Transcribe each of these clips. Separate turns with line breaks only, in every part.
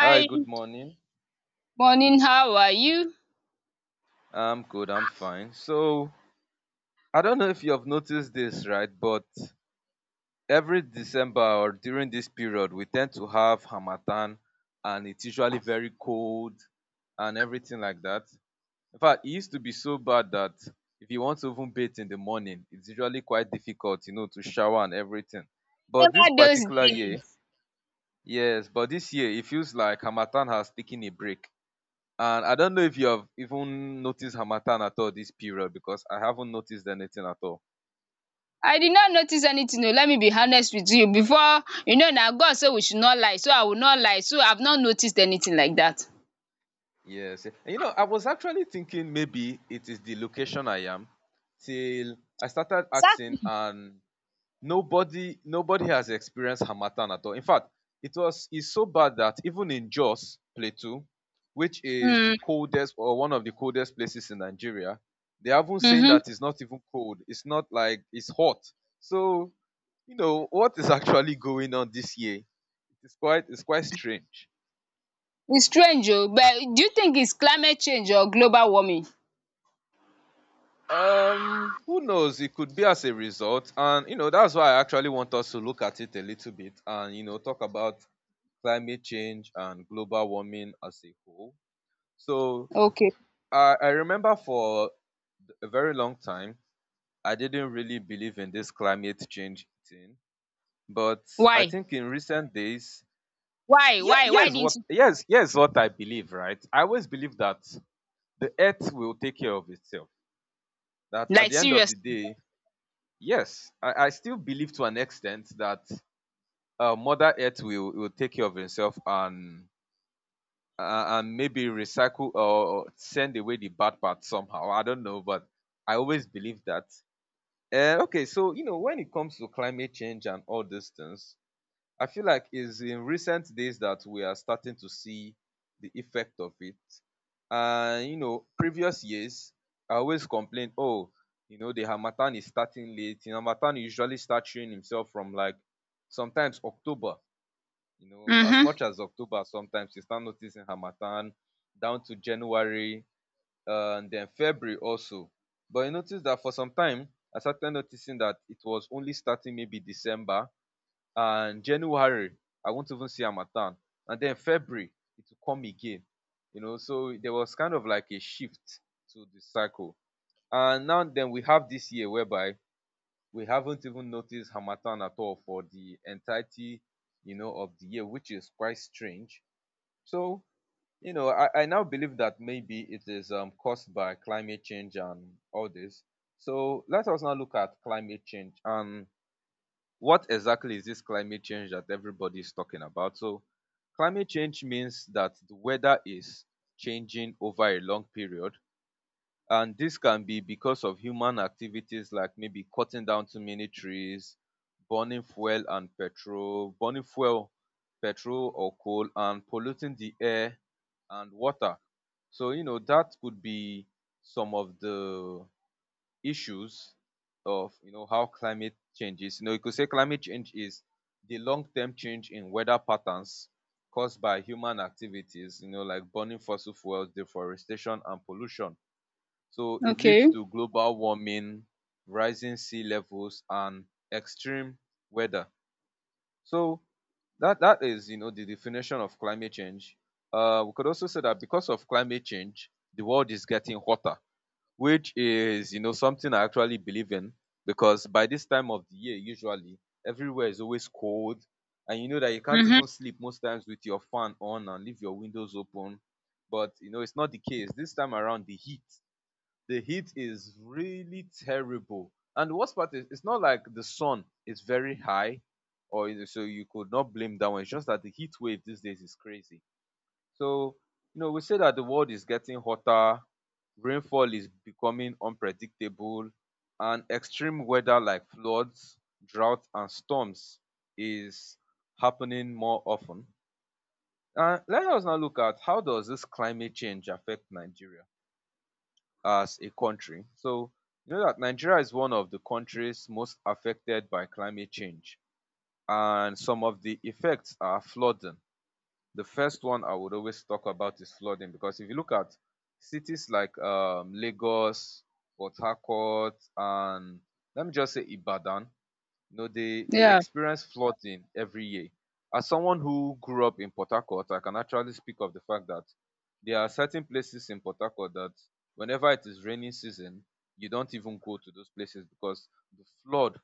Hi, good morning.
morning, how are you?
I'm good, I'm fine. So, I don't know if you have noticed this, right? But every December or during this period, we tend to have Hamatan and it's usually very cold and everything like that. In fact, it used to be so bad that if you want to even bathe in the morning, it's usually quite difficult, to shower and everything. But this
Remember those
particular year,
days?
yes, but this year it feels like Hamatan has taken a break. And I don't know if you have even noticed Hamatan at all this period because I haven't noticed anything at all.
I did not notice anything oo, let me be honest with you before you know now God said we should not lie so I will not lie so I've not noticed anything like that.
Yes. And you know, I was actually thinking maybe it is the location I am till I started asking
Exactly.
and nobody has experienced Hamatan at all. In fact, it's so bad that even in Jos Plateau, which is the
Hmm.
coldest or one of the coldest places in Nigeria, they haven't saying
Mhm.
that it's not even cold. It's not like it's hot. So you know what is actually going on this year. It's quite strange.
It's strange oh. But do you think it's climate change or global warming?
Who knows? It could be as a result, and you know that's why I actually want us to look at it a little bit and you know talk about climate change and global warming as a whole. So
Okay.
I remember for a very long time I didn't really believe in this climate change thing, but I
Why?
think in recent days,
Why?
yeah,
Why? Why
yes,
didn't
what
you
yes, yes, what I believe, right? I always believe that the earth will take care of itself. That at
like
the end of the
seriously?
day, yes, I still believe to an extent that Mother Earth will take care of itself and maybe recycle or send away the bad part somehow. I don't know, but I always believe that. Okay, so you know when it comes to climate change and all these things, I feel like it's in recent days that we are starting to see the effect of it. And you know, previous years, I always complained, oh, you know, the harmattan is starting late. You know, harmattan usually starts showing himself from like sometimes October. You know, as
Mhm.
much as October, sometimes you start noticing harmattan down to January and then February also. But I noticed that for some time, I started noticing that it was only starting maybe December and January I won't even see harmattan and then February it will come again. You know, so there was kind of like a shift to the cycle. And now then we have this year whereby we haven't even noticed harmattan at all for the entirety, you know, of the year, which is quite strange. So, I now believe that maybe it is caused by climate change and all this. So let us now look at climate change and what exactly is this climate change that everybody is talking about? So, climate change means that the weather is changing over a long period, and this can be because of human activities like maybe cutting down too many trees, burning fuel, petrol or coal, and polluting the air and water. So, you know, that could be some of the issues of you know how climate changes. You know, you could say climate change is the long-term change in weather patterns caused by human activities, you know, like burning fossil fuels, deforestation and pollution. So it
Okay.
leads to global warming, rising sea levels and extreme weather. So that is, you know, the definition of climate change. Uh, we could also say that because of climate change the world is getting hotter, which is, you know, something I actually believe in, because by this time of the year usually everywhere is always cold, and you know that you can't
Mhm.
even sleep most times with your fan on and leave your windows open. But you know it's not the case this time around. The heat is really terrible, and the worst part is it's not like the sun is very high so you could not blame that one. It's just that the heat wave these days is crazy. So, you know, we say that the world is getting hotter, rainfall is becoming unpredictable, and extreme weather like floods, drought, and storms is happening more often. And let us now look at how does this climate change affect Nigeria as a country. So, you know that Nigeria is one of the countries most affected by climate change, and some of the effects are flooding. The first one I would always talk about is flooding, because if you look at cities like Lagos, Port Harcourt, and let me just say Ibadan, you know, they
Yeah.
experience flooding every year. As someone who grew up in Port Harcourt, I can actually speak of the fact that there are certain places in Port Harcourt that whenever it is raining season, you don't even go to those places because the flood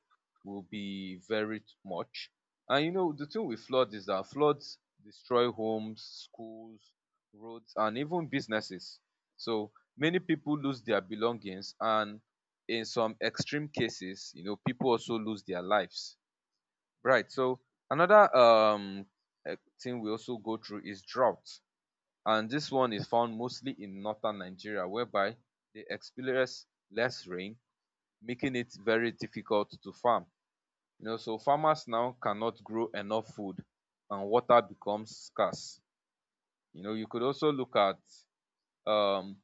will be much. And you know, the thing with flood is that floods destroy homes, schools, roads, and even businesses. So many people lose their belongings, and in some extreme cases, you know, people also lose their lives, right? So another eh, thing we also go through is drought, and this one is found mostly in northern Nigeria, whereby they experience less rain, making it very difficult to farm. You know, so farmers now cannot grow enough food, and water becomes scarce. You know, you could also look at um,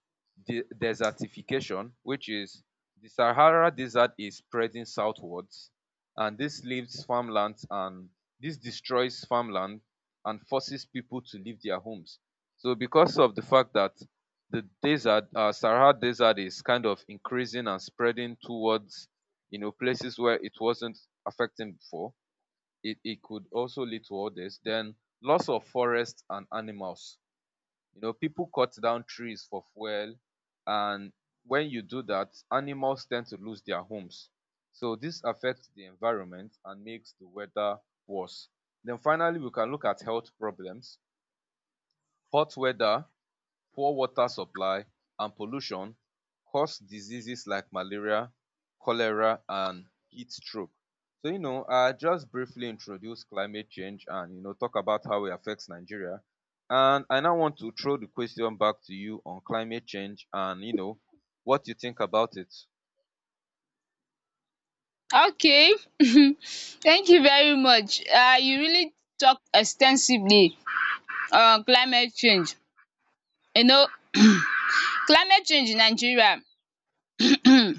desertification, which is the Sahara Desert is spreading southwards, and this destroys farmland and forces people to leave their homes. So, because of the fact that the Sahara Desert is kind of increasing and spreading towards, you know, places where it wasn't affecting before, it could also lead to all this. Then loss of forest and animals, you know, people cut down trees for fuel, and when you do that, animals tend to lose their homes. So this affects the environment and makes the weather worse. Then finally, we can look at health problems. Hot weather, poor water supply and pollution cause diseases like malaria, cholera and heat stroke. So you know, I just briefly introduce climate change and you know talk about how it affects Nigeria, and I now want to throw the question back to you on climate change and, you know, what you think about it.
Okay. Thank you very much. You really talked extensively. Climate change, you know climate change in Nigeria, um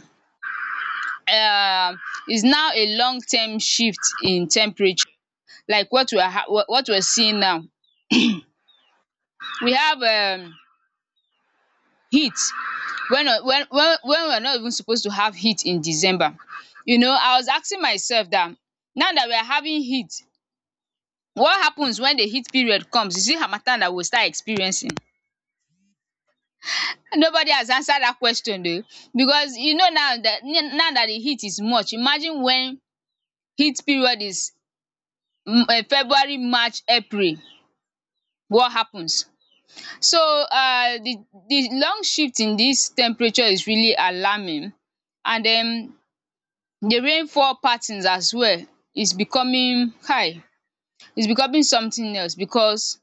is now a long term shift in temperature, like what we are seeing now. We have heat when we're not even supposed to have heat in December. You know, I was asking myself that, now that we are having heat, what happens when the heat period comes? Is it harmattan that we will start experiencing? Nobody has answered that question o, because you know, now that the heat is much, imagine when heat period is February, March, April, what happens? So the long shift in this temperature is really alarming. And then the rainfall patterns as well is becoming kai, is becoming something else, because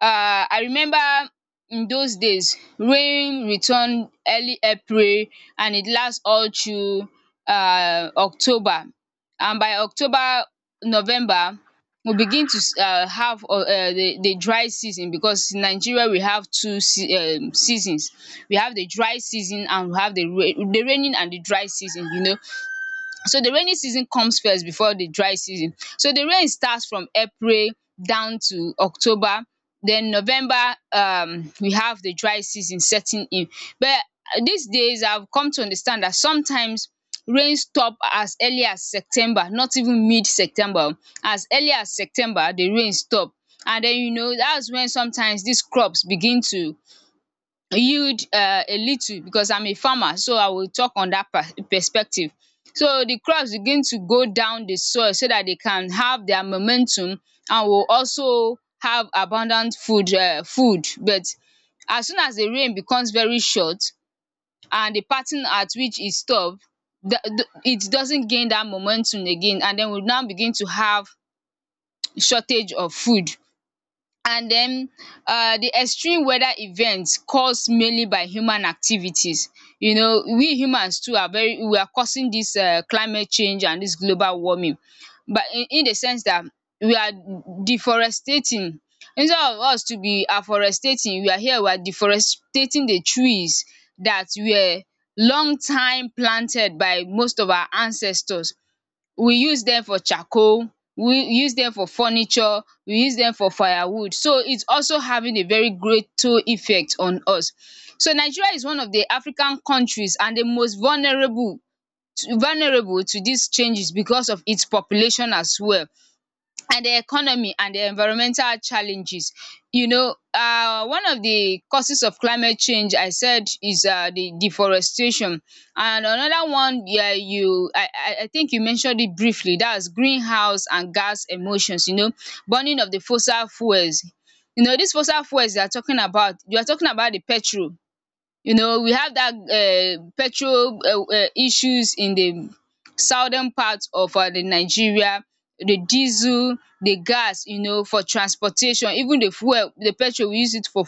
I remember in those days rain return early April and it last all through October, and by October, November we begin to have the dry season, because in Nigeria we have two se seasons. We have the dry season and we have the raining and the dry season. So the rainy season comes first before the dry season. So the rain starts from April down to October, then November we have the dry season setting in. But these days I've come to understand that sometimes rain stop as early as September, not even mid September o. As early as September the rain stop, and den dats when sometimes dis crops begin to yield a little, because I'm a farmer, so I will talk on that perspective. So the crops begin to go down the soil so that they can have their momentum, and will also have abundant food, but as soon as the rain becomes very short, and the pattern at which it stop, the it doesn't gain that momentum again, and then we now begin to have shortage of food. And then the extreme weather events caused mainly by human activities, you know, we humans too are very we are causing this climate change and this global warming. But in the sense that we are deforestating, instead of us to be afforestating, we are here, we are deforestating the trees that were long time planted by most of our ancestors. We use dem for charcoal, we use dem for furniture, we use dem for firewood, so it's also having a very greater effect on us. So Nigeria is one of the African countries and the most vulnerable to dis changes, because of its population as well, and the economy, and the environmental challenges. You know, one of the causes of climate change, I said, is the deforestation, and another one, you I think you mentioned it briefly, dats greenhouse and gas emotions, burning of the fossil fuels. You know dis fossil fuels, you are talking about the petrol. You know, we have that petrol issues in the southern part of the Nigeria. The diesel, the gas, you know, for transportation, even the fuel, the petrol, we use it for,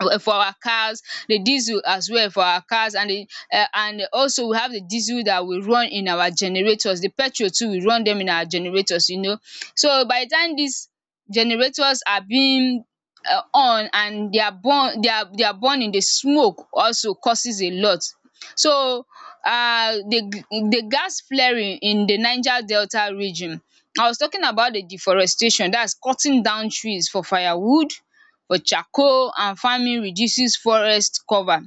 for our cars, the diesel as well for our cars, and the and also we have the diesel that we run in our generators, the petrol too we run dem in our generators. So by the time dis generators are being on, and they are burning, the smoke also causes a lot. So um the gas flaring in the Niger Delta region, I was talking about the deforestation, that's cutting down trees for firewood, for charcoal and farming, reduces forest cover.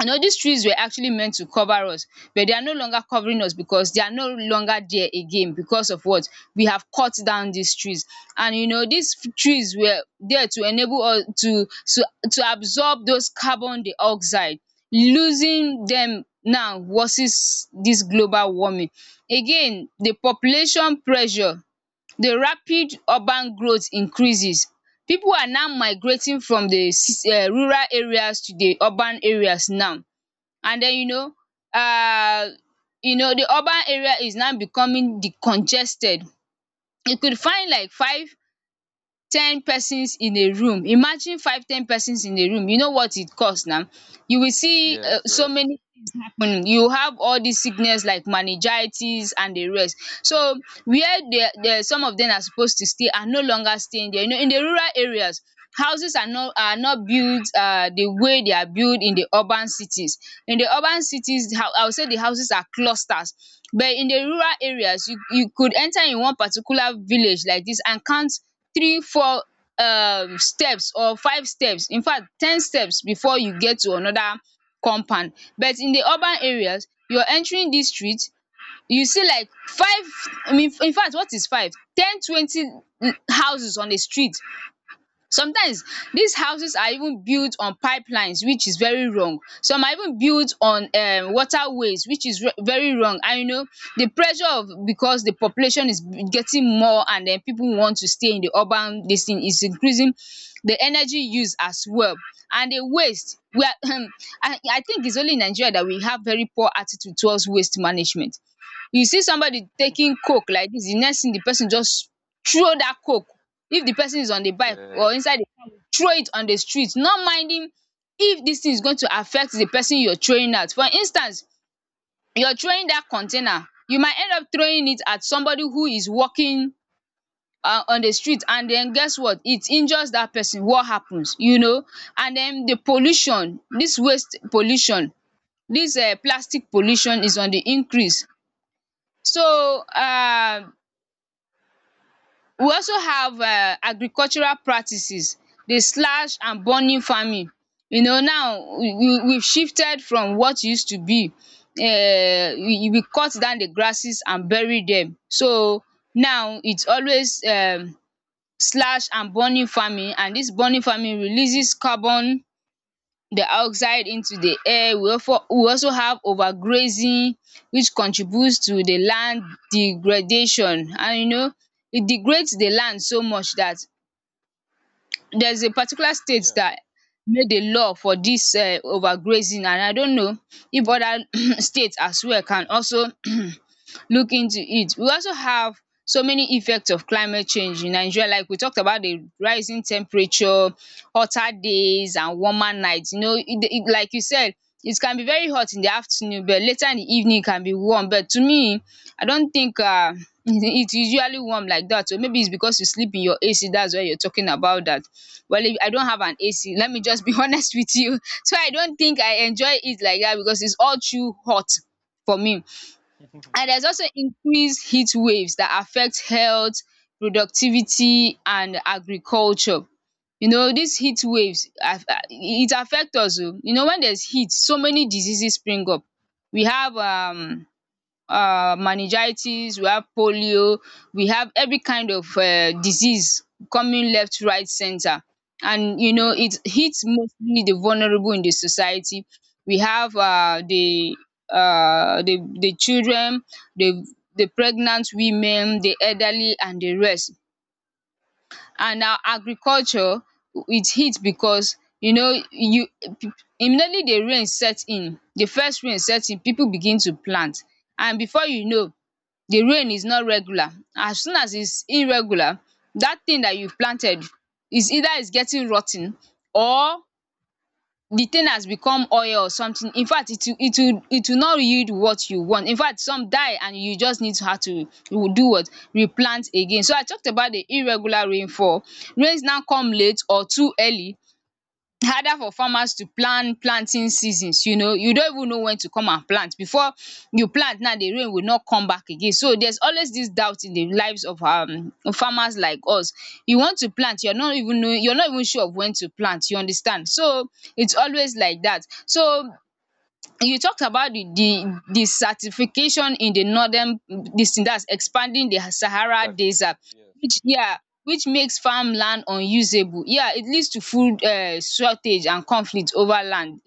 You know dis trees were actually meant to cover us, but they are no longer covering us, because they are no longer there again. Because of what? We have cut down dis trees. And you know dis trees were there to enable us to absorb those carbon dioxide. Losing dem now worsens dis global warming. Again, the population pressure. The rapid urban growth increases. People are now migrating from the rural areas to the urban areas now. And then, um the urban area is now becoming the congested. You could find like 5, 10 persons in a room. Imagine 5, 10 persons in a room. You know what it cause now. You will see
Yes,
so
yes,
many happening, you have all these sickness like meningitis and the rest. So where the they some of them are supposed to stay are no longer staying there, you know, in the rural areas, houses are not built the way they are built in the urban cities. In the urban cities the I would say the houses are clusters, but in the rural areas you could enter in one particular village like this and count 3 4 steps, or 5 steps. In fact, 10 steps before you get to another compound. But in the urban areas you're entering this street, you see like five, infact what is 5 10 20 houses on a street. Sometimes these houses are even built on pipelines, which is very wrong. Some are even built on waterways, which is very wrong. And you know the pressure of, because the population is getting more, and then people want to stay in the urban, this thing is increasing the energy use as well, and the waste we are I think it's only in Nigeria that we have very poor attitude towards waste management. You see somebody taking coke like this, the next thing the person just throw that coke, if the person is on the bike or
yes.
inside the car, throw it on the street, not minding if this thing is going to affect the person you're throwing at. For instance, you're throwing that container, you might end up throwing it at somebody who is walking on the street, and then guess what, it injures that person, what happens. And then the pollution, this waste pollution, this plastic pollution is on the increase. so uh. We also have agricultural practices, the slash and burning farming. You know now we shifted from what e used to be. We cut down the grasses and bury dem. So now it's always slash and burning farming, and dis burning farming releases carbon the oxide into the air. We also have overgrazing, which contributes to the land degradation, and you know it degrades the land so much that there's a particular state
Yeah.
that made a law for dis overgrazing, and I don't know if other states as well can also look into it. We also have so many effects of climate change in Nigeria, like we talked about the rising temperature, hotter days and warmer nights. You know like you said, it can be very hot in the afternoon but later in the evening it can be warm, but to me I don't think it is usually warm like that. So maybe it's because you sleep in your AC. That's why you're talking about that. Well, if I don't have an AC, let me just be honest with you, so I don't think I enjoy it like that, because it's all too hot for me. And there's also increased heat waves that affect health, productivity and agriculture. You know these heat waves it affect us o. You know when there's heat so many diseases spring up. We have meningitis, we have polio, we have every kind of disease coming left, right, center. And you know
Yeah,
it hits mostly the vulnerable in the society. We have the the children, the the pregnant women, the elderly and the rest. And our agriculture, it hits because, you know, you immediately the rain set in, the first rain set in, people begin to plant. And before you know, the rain is not regular. As soon as it's irregular, that thing that you planted is either is getting rot ten, or the thing has become oil or something. In fact, it will not yield what you want. In fact, some die and you just need to how to do what, replant again. So I talked about the irregular rainfall. Rains now come late or too early, harder for farmers to plan planting seasons. You know, you don't even know when to come and plant. Before you plant now, the rain will not come back again. So there's always this doubt in the lives of farmers like us. You want to plant, you're not even know, you're not even sure of when to plant, you understand? So it's always like that. So you talked about the desertification in the northern, this thing that's expanding the
that's
Sahara
application.
desert,
Yes,
which, yeah, which makes farmland unusable. Yeah, it leads to food shortage and conflict over land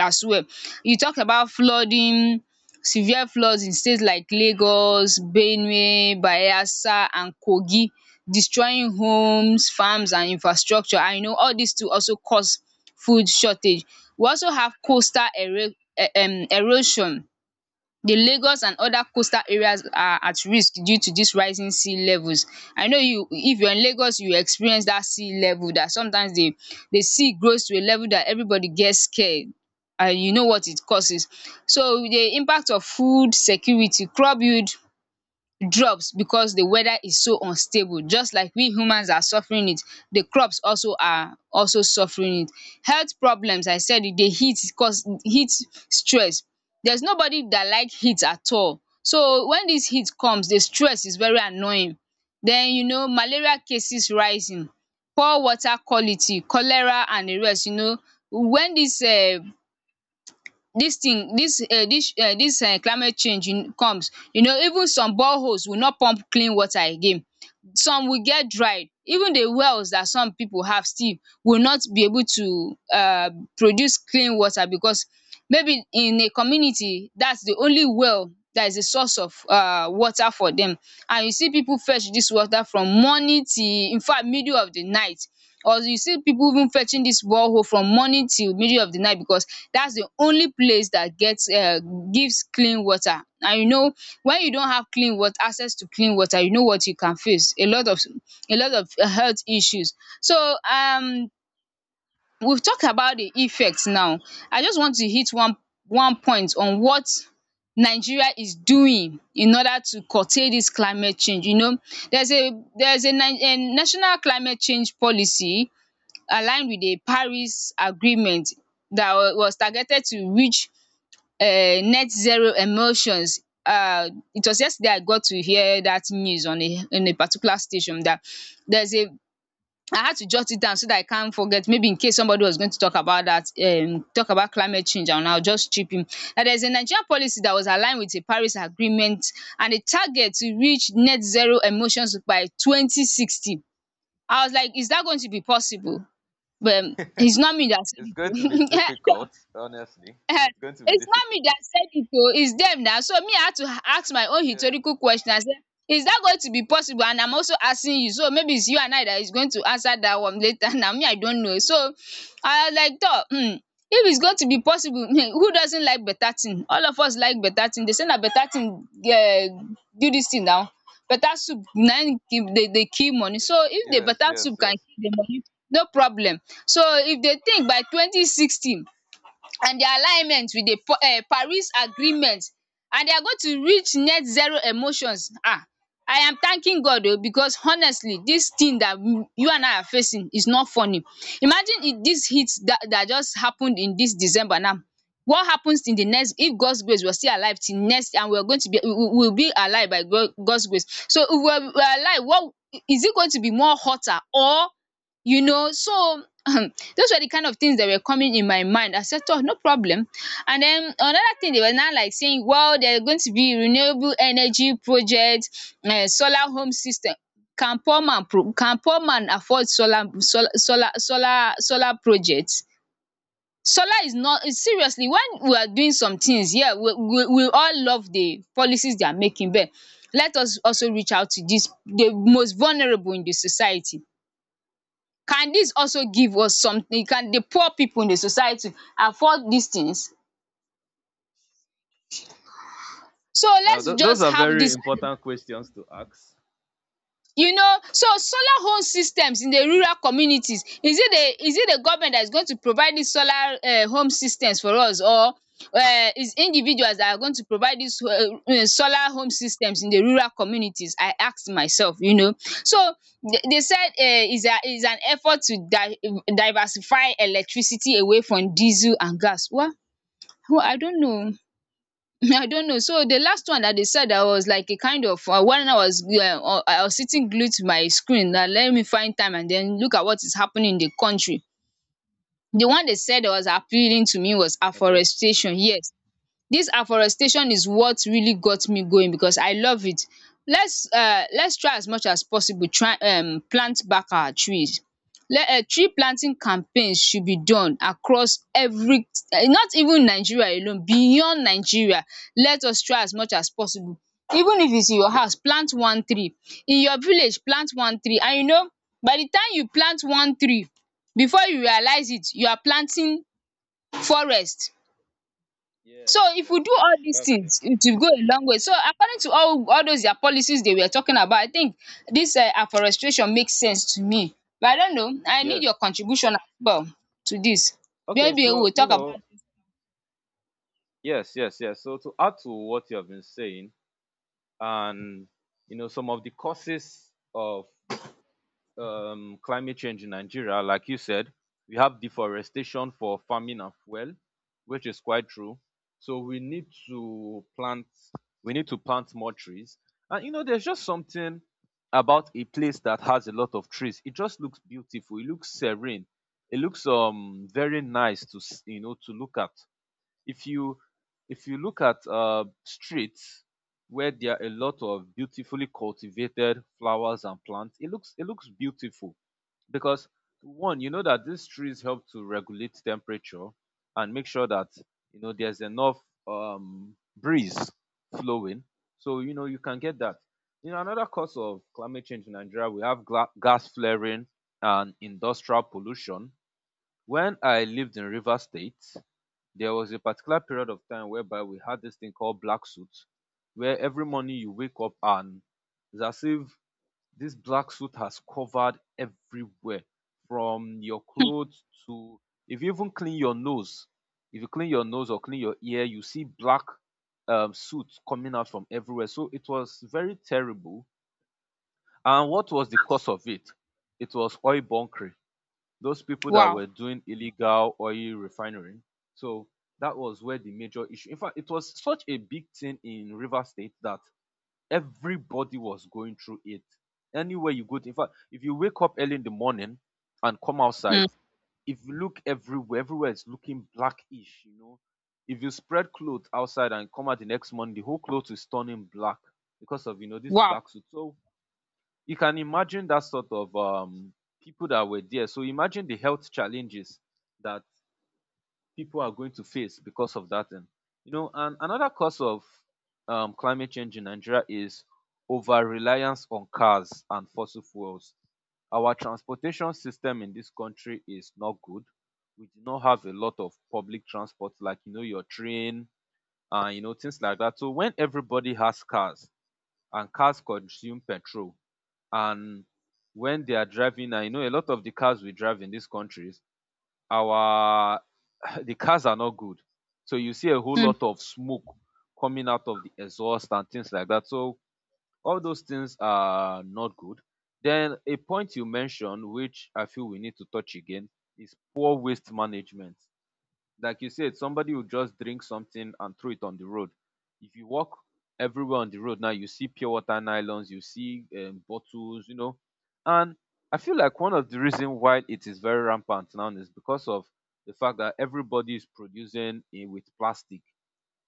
as well. You talked about flooding, severe floods in states like Lagos, Benue, Bayelsa and Kogi, destroying homes, farms and infrastructure. And you know all dis too also cause food shortage. We also have coastal ero, erosion. The Lagos and other coastal areas are at risk due to these rising sea levels. I know you, if you're in Lagos you will experience that sea level, that sometimes the sea grows to a level that everybody gets scared. And you know what it causes. So the impact of food security, crop yield drops because the weather is so unstable. Just like we humans are suffering it, the crops also are also suffering it. Health problems, I said it, the heat cause heat stress. There's nobody that like heat at all, so when this heat comes, the stress is very annoying. Then you know, malaria cases rising, poor water quality, cholera and the rest. You know, when this dis thing dis climate change in- comes, you know, even some boreholes will not pump clean water again. Some will get dry. Even the wells that some people have still will not be able to produce clean water, because maybe in a community that's the only well that is the source of water for them. And you see people fetch dis water from morning till, infact, middle of the night. Or you see people even fetching this borehole from morning till middle of the night, because that's the only place that gets gives clean water. And you know, when you don't have clean water, access to clean water, you know what, you can face a lot of health issues. So we've talked about the effect now. I just want to hit one point on what Nigeria is doing in order to curtail this climate change. You know, there's a, there's a national climate change policy aligned with the Paris Agreement that was targeted to reach net zero emissions. It was yesterday I got to hear that news on a particular station, that there's a, I had to jot it down so that I can't forget. Maybe in case somebody was going to talk about that, talk about climate change, and I'll just chip in. That there's a Nigerian policy that was aligned with the Paris Agreement, and a target to reach net zero emissions by 2060. I was like, is that going to be possible? But it's not me that said
it's going to be
it.
difficult. Honestly,
Ehen,
it's going to be
it's not me
difficult.
that said it oh, it's them now. So me, I had to ask my own
Yeah.
rhetorical question. I said, is that going to be possible? And I'm also asking you, so maybe it's you and I that is going to answer that one later. Now me, I don't know. So I was like tor, if it's going to be possible, who doesn't like better thing? All of us like better thing. They say na better thing do this thing now. Better soup na im kill dey dey kill money. So if the
Yes,
better
yes,
soup can
yes.
kill the money, no problem. So if they think by 2060 the alignment with the Paris agreement, and they are going to reach net zero emissions. Ah, I am thanking God o, because honestly this thing dat you and I are facing is not funny. Imagine if dis heat that just happened in this December now, what happens in the next, if God's grace we are still alive till next, and we are going to be, we will be alive by God- God's grace. So if we are alive, what is it going to be, more hotter or, you know. So those were the kind of things that were coming in my mind. I said, oh, no problem. And then another thing they were now like saying, well, there's going to be renewable energy project, solar home system. Can poor man pro-, can poor man afford solar solar solar solar solar projects? Solar is not, is seriously when we are doing some things, yeah, we all love the policies they are making, but let us also reach out to this, the most vulnerable in the society. Can this also give us something? Can the poor people in the society afford these things? So
Uh,
let's
th- those
just
are
have
very
this,
important questions to ask.
you know. So solar home systems in the rural communities, is it the, is it the government that is going to provide these solar home systems for us, or is individuals that are going to provide dis solar home systems in the rural communities, I ask myself, you know. So they said is a, is an effort to di diversify electricity away from diesel and gas. Well, oh, I don't know. I don't know. So the last one that they said, I was like a kind of, when I was, yeah, I was sitting glued to my screen. Now let me find time and then look at what is happening in the country. The one they said that was appealing to me was
Okay.
afforestation. Yes, this afforestation is what really got me going because I love it. Let's try as much as possible, try plant back our trees. Let tree planting campaigns should be done across every, not even Nigeria alone, beyond Nigeria. Let us try as much as possible. Even if it's in your house, plant one tree. In your village, plant one tree. And you know, by the time you plant one tree, before you realize it, you are planting forest. So
Yes,
if we
yes,
do all
yes.
dis
That's true.
things, it will go a long way. So according to all those their policies they were talking about, I think dis afforestation make sense to me. But I don't know, I need
Yes.
your contribution as well to dis.
Okay.
Maybe
So
we'll
you
talk about
know.
it.
Yes, yes, yes. So to add to what you have been saying, and you know, some of the causes of climate change in Nigeria, like you said, we have deforestation for farming as well, which is quite true. So we need to plant more trees. And you know, there's just something about a place that has a lot of trees. It just looks beautiful. It looks serene. It looks very nice you know to look at. If you if you look at streets where there are a lot of beautifully cultivated flowers and plants, it looks beautiful, because one, you know that these trees help to regulate temperature and make sure that you know there's enough breeze flowing, so you know you can get that. You know, another cause of climate change in Nigeria, we have gas flaring and industrial pollution. When I lived in Rivers State, there was a particular period of time whereby we had this thing called black suit, where every morning you wake up and it's as if this black suit has covered everywhere, from your clothes to if you even clean your nose, if you clean your nose or clean your ear, you see black suit coming out from everywhere. So it was very terrible. And what was the cause of it? It was oil bunkering, those people that
Wow.
were doing illegal oil refinery. So that was where the major issue. In fact, it was such a big thing in Rivers State that everybody was going through it. Anywhere you go to, in fact, if you wake up early in the morning and come
um
outside, if you look everywhere, everywhere is looking blackish, you know. If you spread clothes outside and come out the next morning, the whole clothes is turning black because of, you know, this
wow.
black suit. So you can imagine that sort of people that were there. So imagine the health challenges that people are going to face because of that. And you know, and another cause of climate change in Nigeria is over reliance on cars and fossil fuels. Our transportation system in this country is not good. We do not have a lot of public transport, like you know your train and you know things like that. So when everybody has cars and cars consume petrol, and when they are driving now, you know, a lot of the cars we drive in these countries, our the cars are not good. So you see a whole
um
lot of smoke coming out of the exhaust and things like that. So all those things are not good. Then a point you mentioned, which I feel we need to touch again, is poor waste management, like you said, somebody will just drink something and throw it on the road. If you walk everywhere on the road now, you see pure water nylons, you see bottles, you know, and I feel like one of the reason why it is very rampant now is because of the fact that everybody is producing with plastic.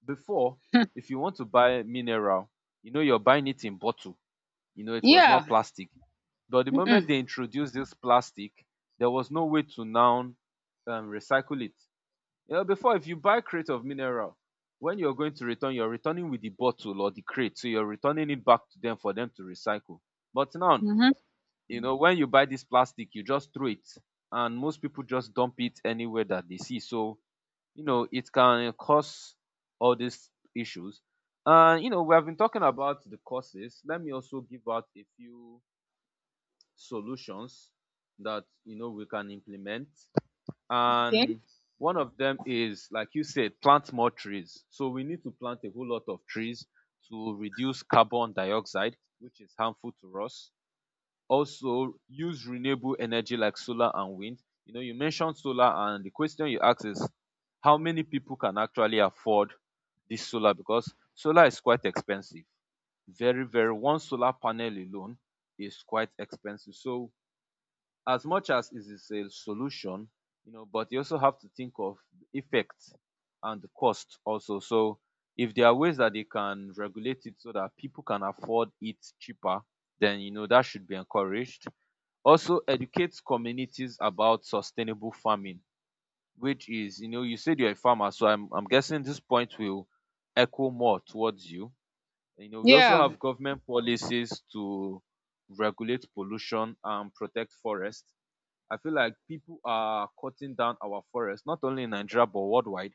Before,
um
if you want to buy mineral, you know, you're buying it in bottle, you know, it was
yeah.
not plastic. But the moment
um
they introduced this plastic, there was no way to now recycle it. You know, before, if you buy crate of mineral, when you're going to return, you're returning with the bottle or the crate, so you're returning it back to them for them to recycle. But now,
um
you know, when you buy this plastic, you just throw it, and most people just dump it anywhere that they see. So you know, it can cause all these issues. And you know, we have been talking about the causes. Let me also give out a few solutions that you know we can implement,
okay.
and one of them is, like you said, plant more trees. So we need to plant a whole lot of trees to reduce carbon dioxide, which is harmful to us. Also use renewable energy like solar and wind. You know, you mentioned solar, and the question you asked is how many people can actually afford this solar, because solar is quite expensive. Very, very, one solar panel alone is quite expensive. So as much as it is a solution, you know, but you also have to think of the effect and the cost also. So if there are ways that they can regulate it so that people can afford it cheaper, then you know that should be encouraged. Also educate communities about sustainable farming, which is, you know, you said you're a farmer, so I'm guessing this point will echo more towards you. You know, we also
Yeah.
have government policies to regulate pollution and protect forests. I feel like people are cutting down our forest, not only in Nigeria but worldwide.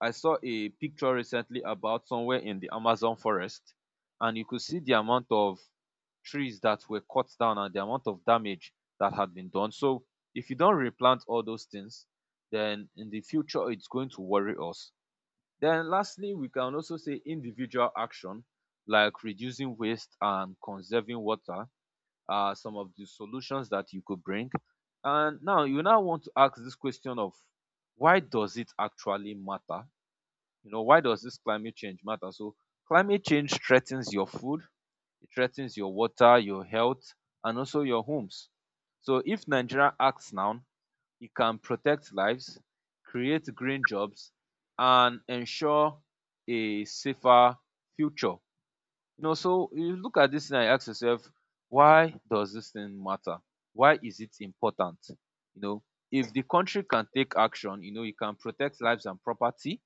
I saw a picture recently about somewhere in the Amazon forest, and you could see the amount of trees that were cut down and the amount of damage that had been done. So, if you don't replant all those things, then in the future it's going to worry us. Then, lastly, we can also say individual action like reducing waste and conserving water, some of the solutions that you could bring. And now you now want to ask this question of why does it actually matter? You know, why does this climate change matter? So climate change threatens your food, it threatens your water, your health, and also your homes. So if Nigeria acts now, it can protect lives, create green jobs, and ensure a safer future. You know, so you look at this thing and you ask yourself, why does this thing matter? Why is it important? You know, if the country can take action, you know, it can protect lives and property,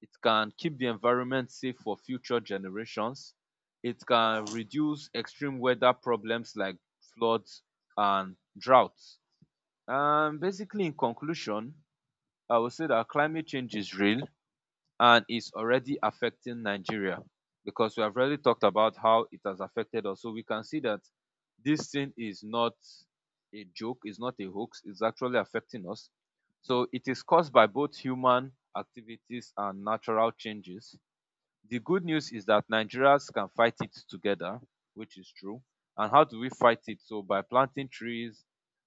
it can keep the environment safe for future generations, it can reduce extreme weather problems like floods and droughts. And basically, in conclusion, I would say that climate change is real, and it's already affecting Nigeria because we have already talked about how it has affected us. So we can see that this thing is not a joke, it's not a hoax, it's actually affecting us. So it is caused by both human activities and natural changes. The good news is that Nigerians can fight it together, which is true. And how do we fight it? So by planting trees,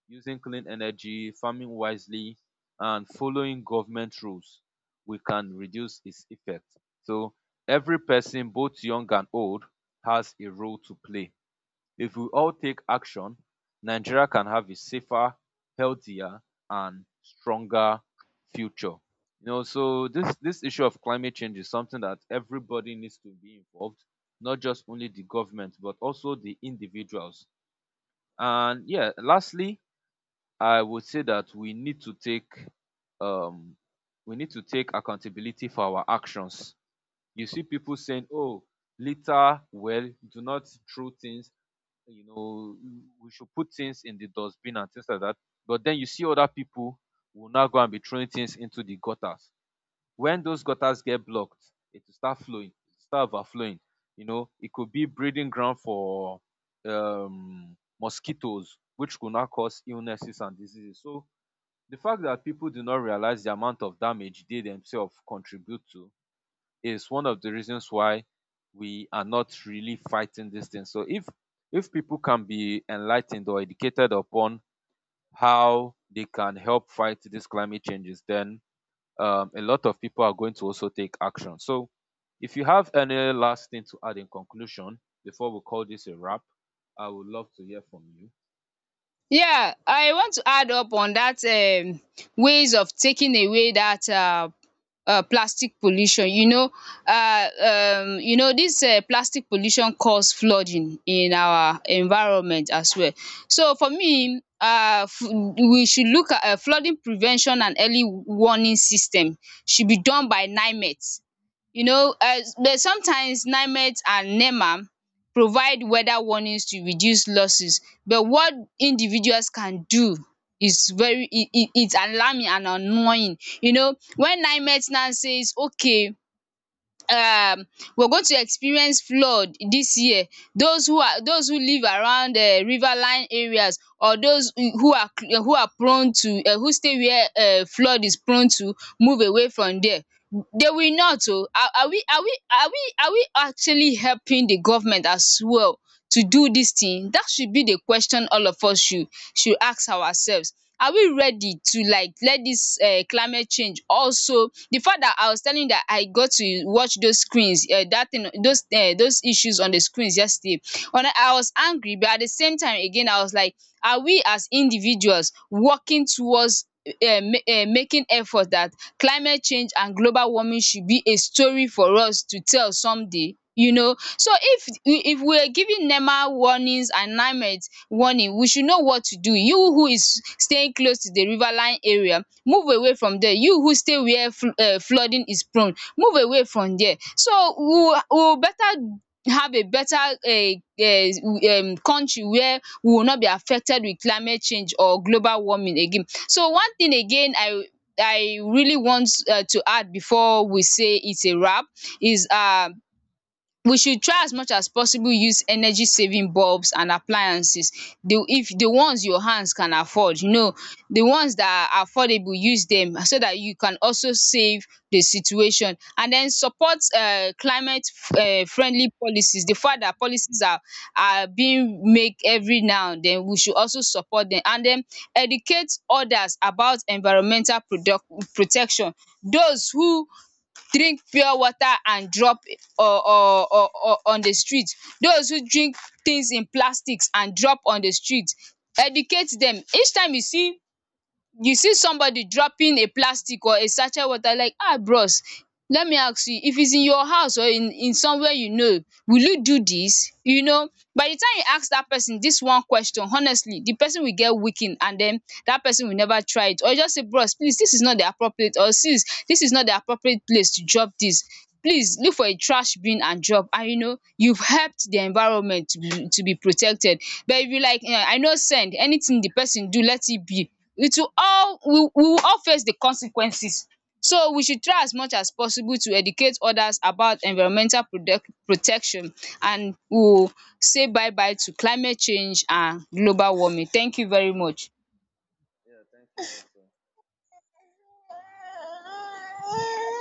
using clean energy, farming wisely, and following government rules, we can reduce its effect. So every person, both young and old, has a role to play. If we all take action, Nigeria can have a safer, healthier, and stronger future. You know, so this issue of climate change is something that everybody needs to be involved, not just only the government, but also the individuals. And yeah, lastly, I would say that we need to take um we need to take accountability for our actions. You see people saying, "Oh, litter well, do not throw things, you know, we should put things in the dustbin and things like that." But then you see other people will now go and be throwing things into the gutters. When those gutters get blocked, it will start flowing, it will start overflowing. You know, it could be breeding ground for mosquitoes, which could now cause illnesses and diseases. So the fact that people do not realize the amount of damage they themselves contribute to is one of the reasons why we are not really fighting this thing. So if people can be enlightened or educated upon how they can help fight these climate changes, then a lot of people are going to also take action. So if you have any last thing to add in conclusion before we call this a wrap, I would love to hear from you.
Yeah, I want to add up on that ways of taking away that plastic pollution. Um you know this plastic pollution cause flooding in our environment as well. So for me, we should look at flooding prevention, and early warning system should be done by NIMET. You know, but sometimes NIMET and NEMA provide weather warnings to reduce losses, but what individuals can do is very, it it's alarming and annoying. You know, when NIMET now says, okay, um we're going to experience flood this year, those who are, those who live around river line areas, or those who are, who are prone to, who stay where flood is prone to, move away from there. They will not. Oh, are we are we are we are we actually helping the government as well to do this thing? That should be the question all of us should ask ourselves. Are we ready to, like, let this climate change, also the fact that I was telling you that I got to watch those screens, that thing, those issues on the screens yesterday, and I was angry, but at the same time again, I was like, are we as individuals working towards making effort that climate change and global warming should be a story for us to tell someday. You know, so if we are giving NEMA warnings and climate warning, we should know what to do. You who is staying close to the riverline area, move away from there. You who stay where flooding is prone, move away from there. So we will, we will better, have a better country where we will not be affected with climate change or global warming again. So one thing again, I really want to add before we say it's a wrap, is, we should try as much as possible, use energy saving bulbs and appliances, the, if the ones your hands can afford, you know, the ones that are affordable, use them, so that you can also save the situation. And then support climate friendly policies. The fact that policies are being make every now and then, we should also support them. And then educate others about environmental product protection. Those who drink pure water and drop, or on the street. Those who drink things in plastics and drop on the street, educate dem. Each time you see, you see somebody dropping a plastic or a sachet water, like, ah bros, let me ask you, if it's in your house or in somewhere, you know, will you do this? You know, by the time you ask that person this one question, honestly, the person will get weakened, and then that person will never try it. Or just say, bros, please, this is not the appropriate, or sis, this is not the appropriate place to drop this. Please look for a trash bin and drop. And you know, you've helped the environment to be protected. But if you like, I know, send anything the person do, let it be. It will, all we will all face the consequences. So we should try as much as possible to educate others about environmental product protection. And we will say bye bye to climate change and global warming. Thank you very much.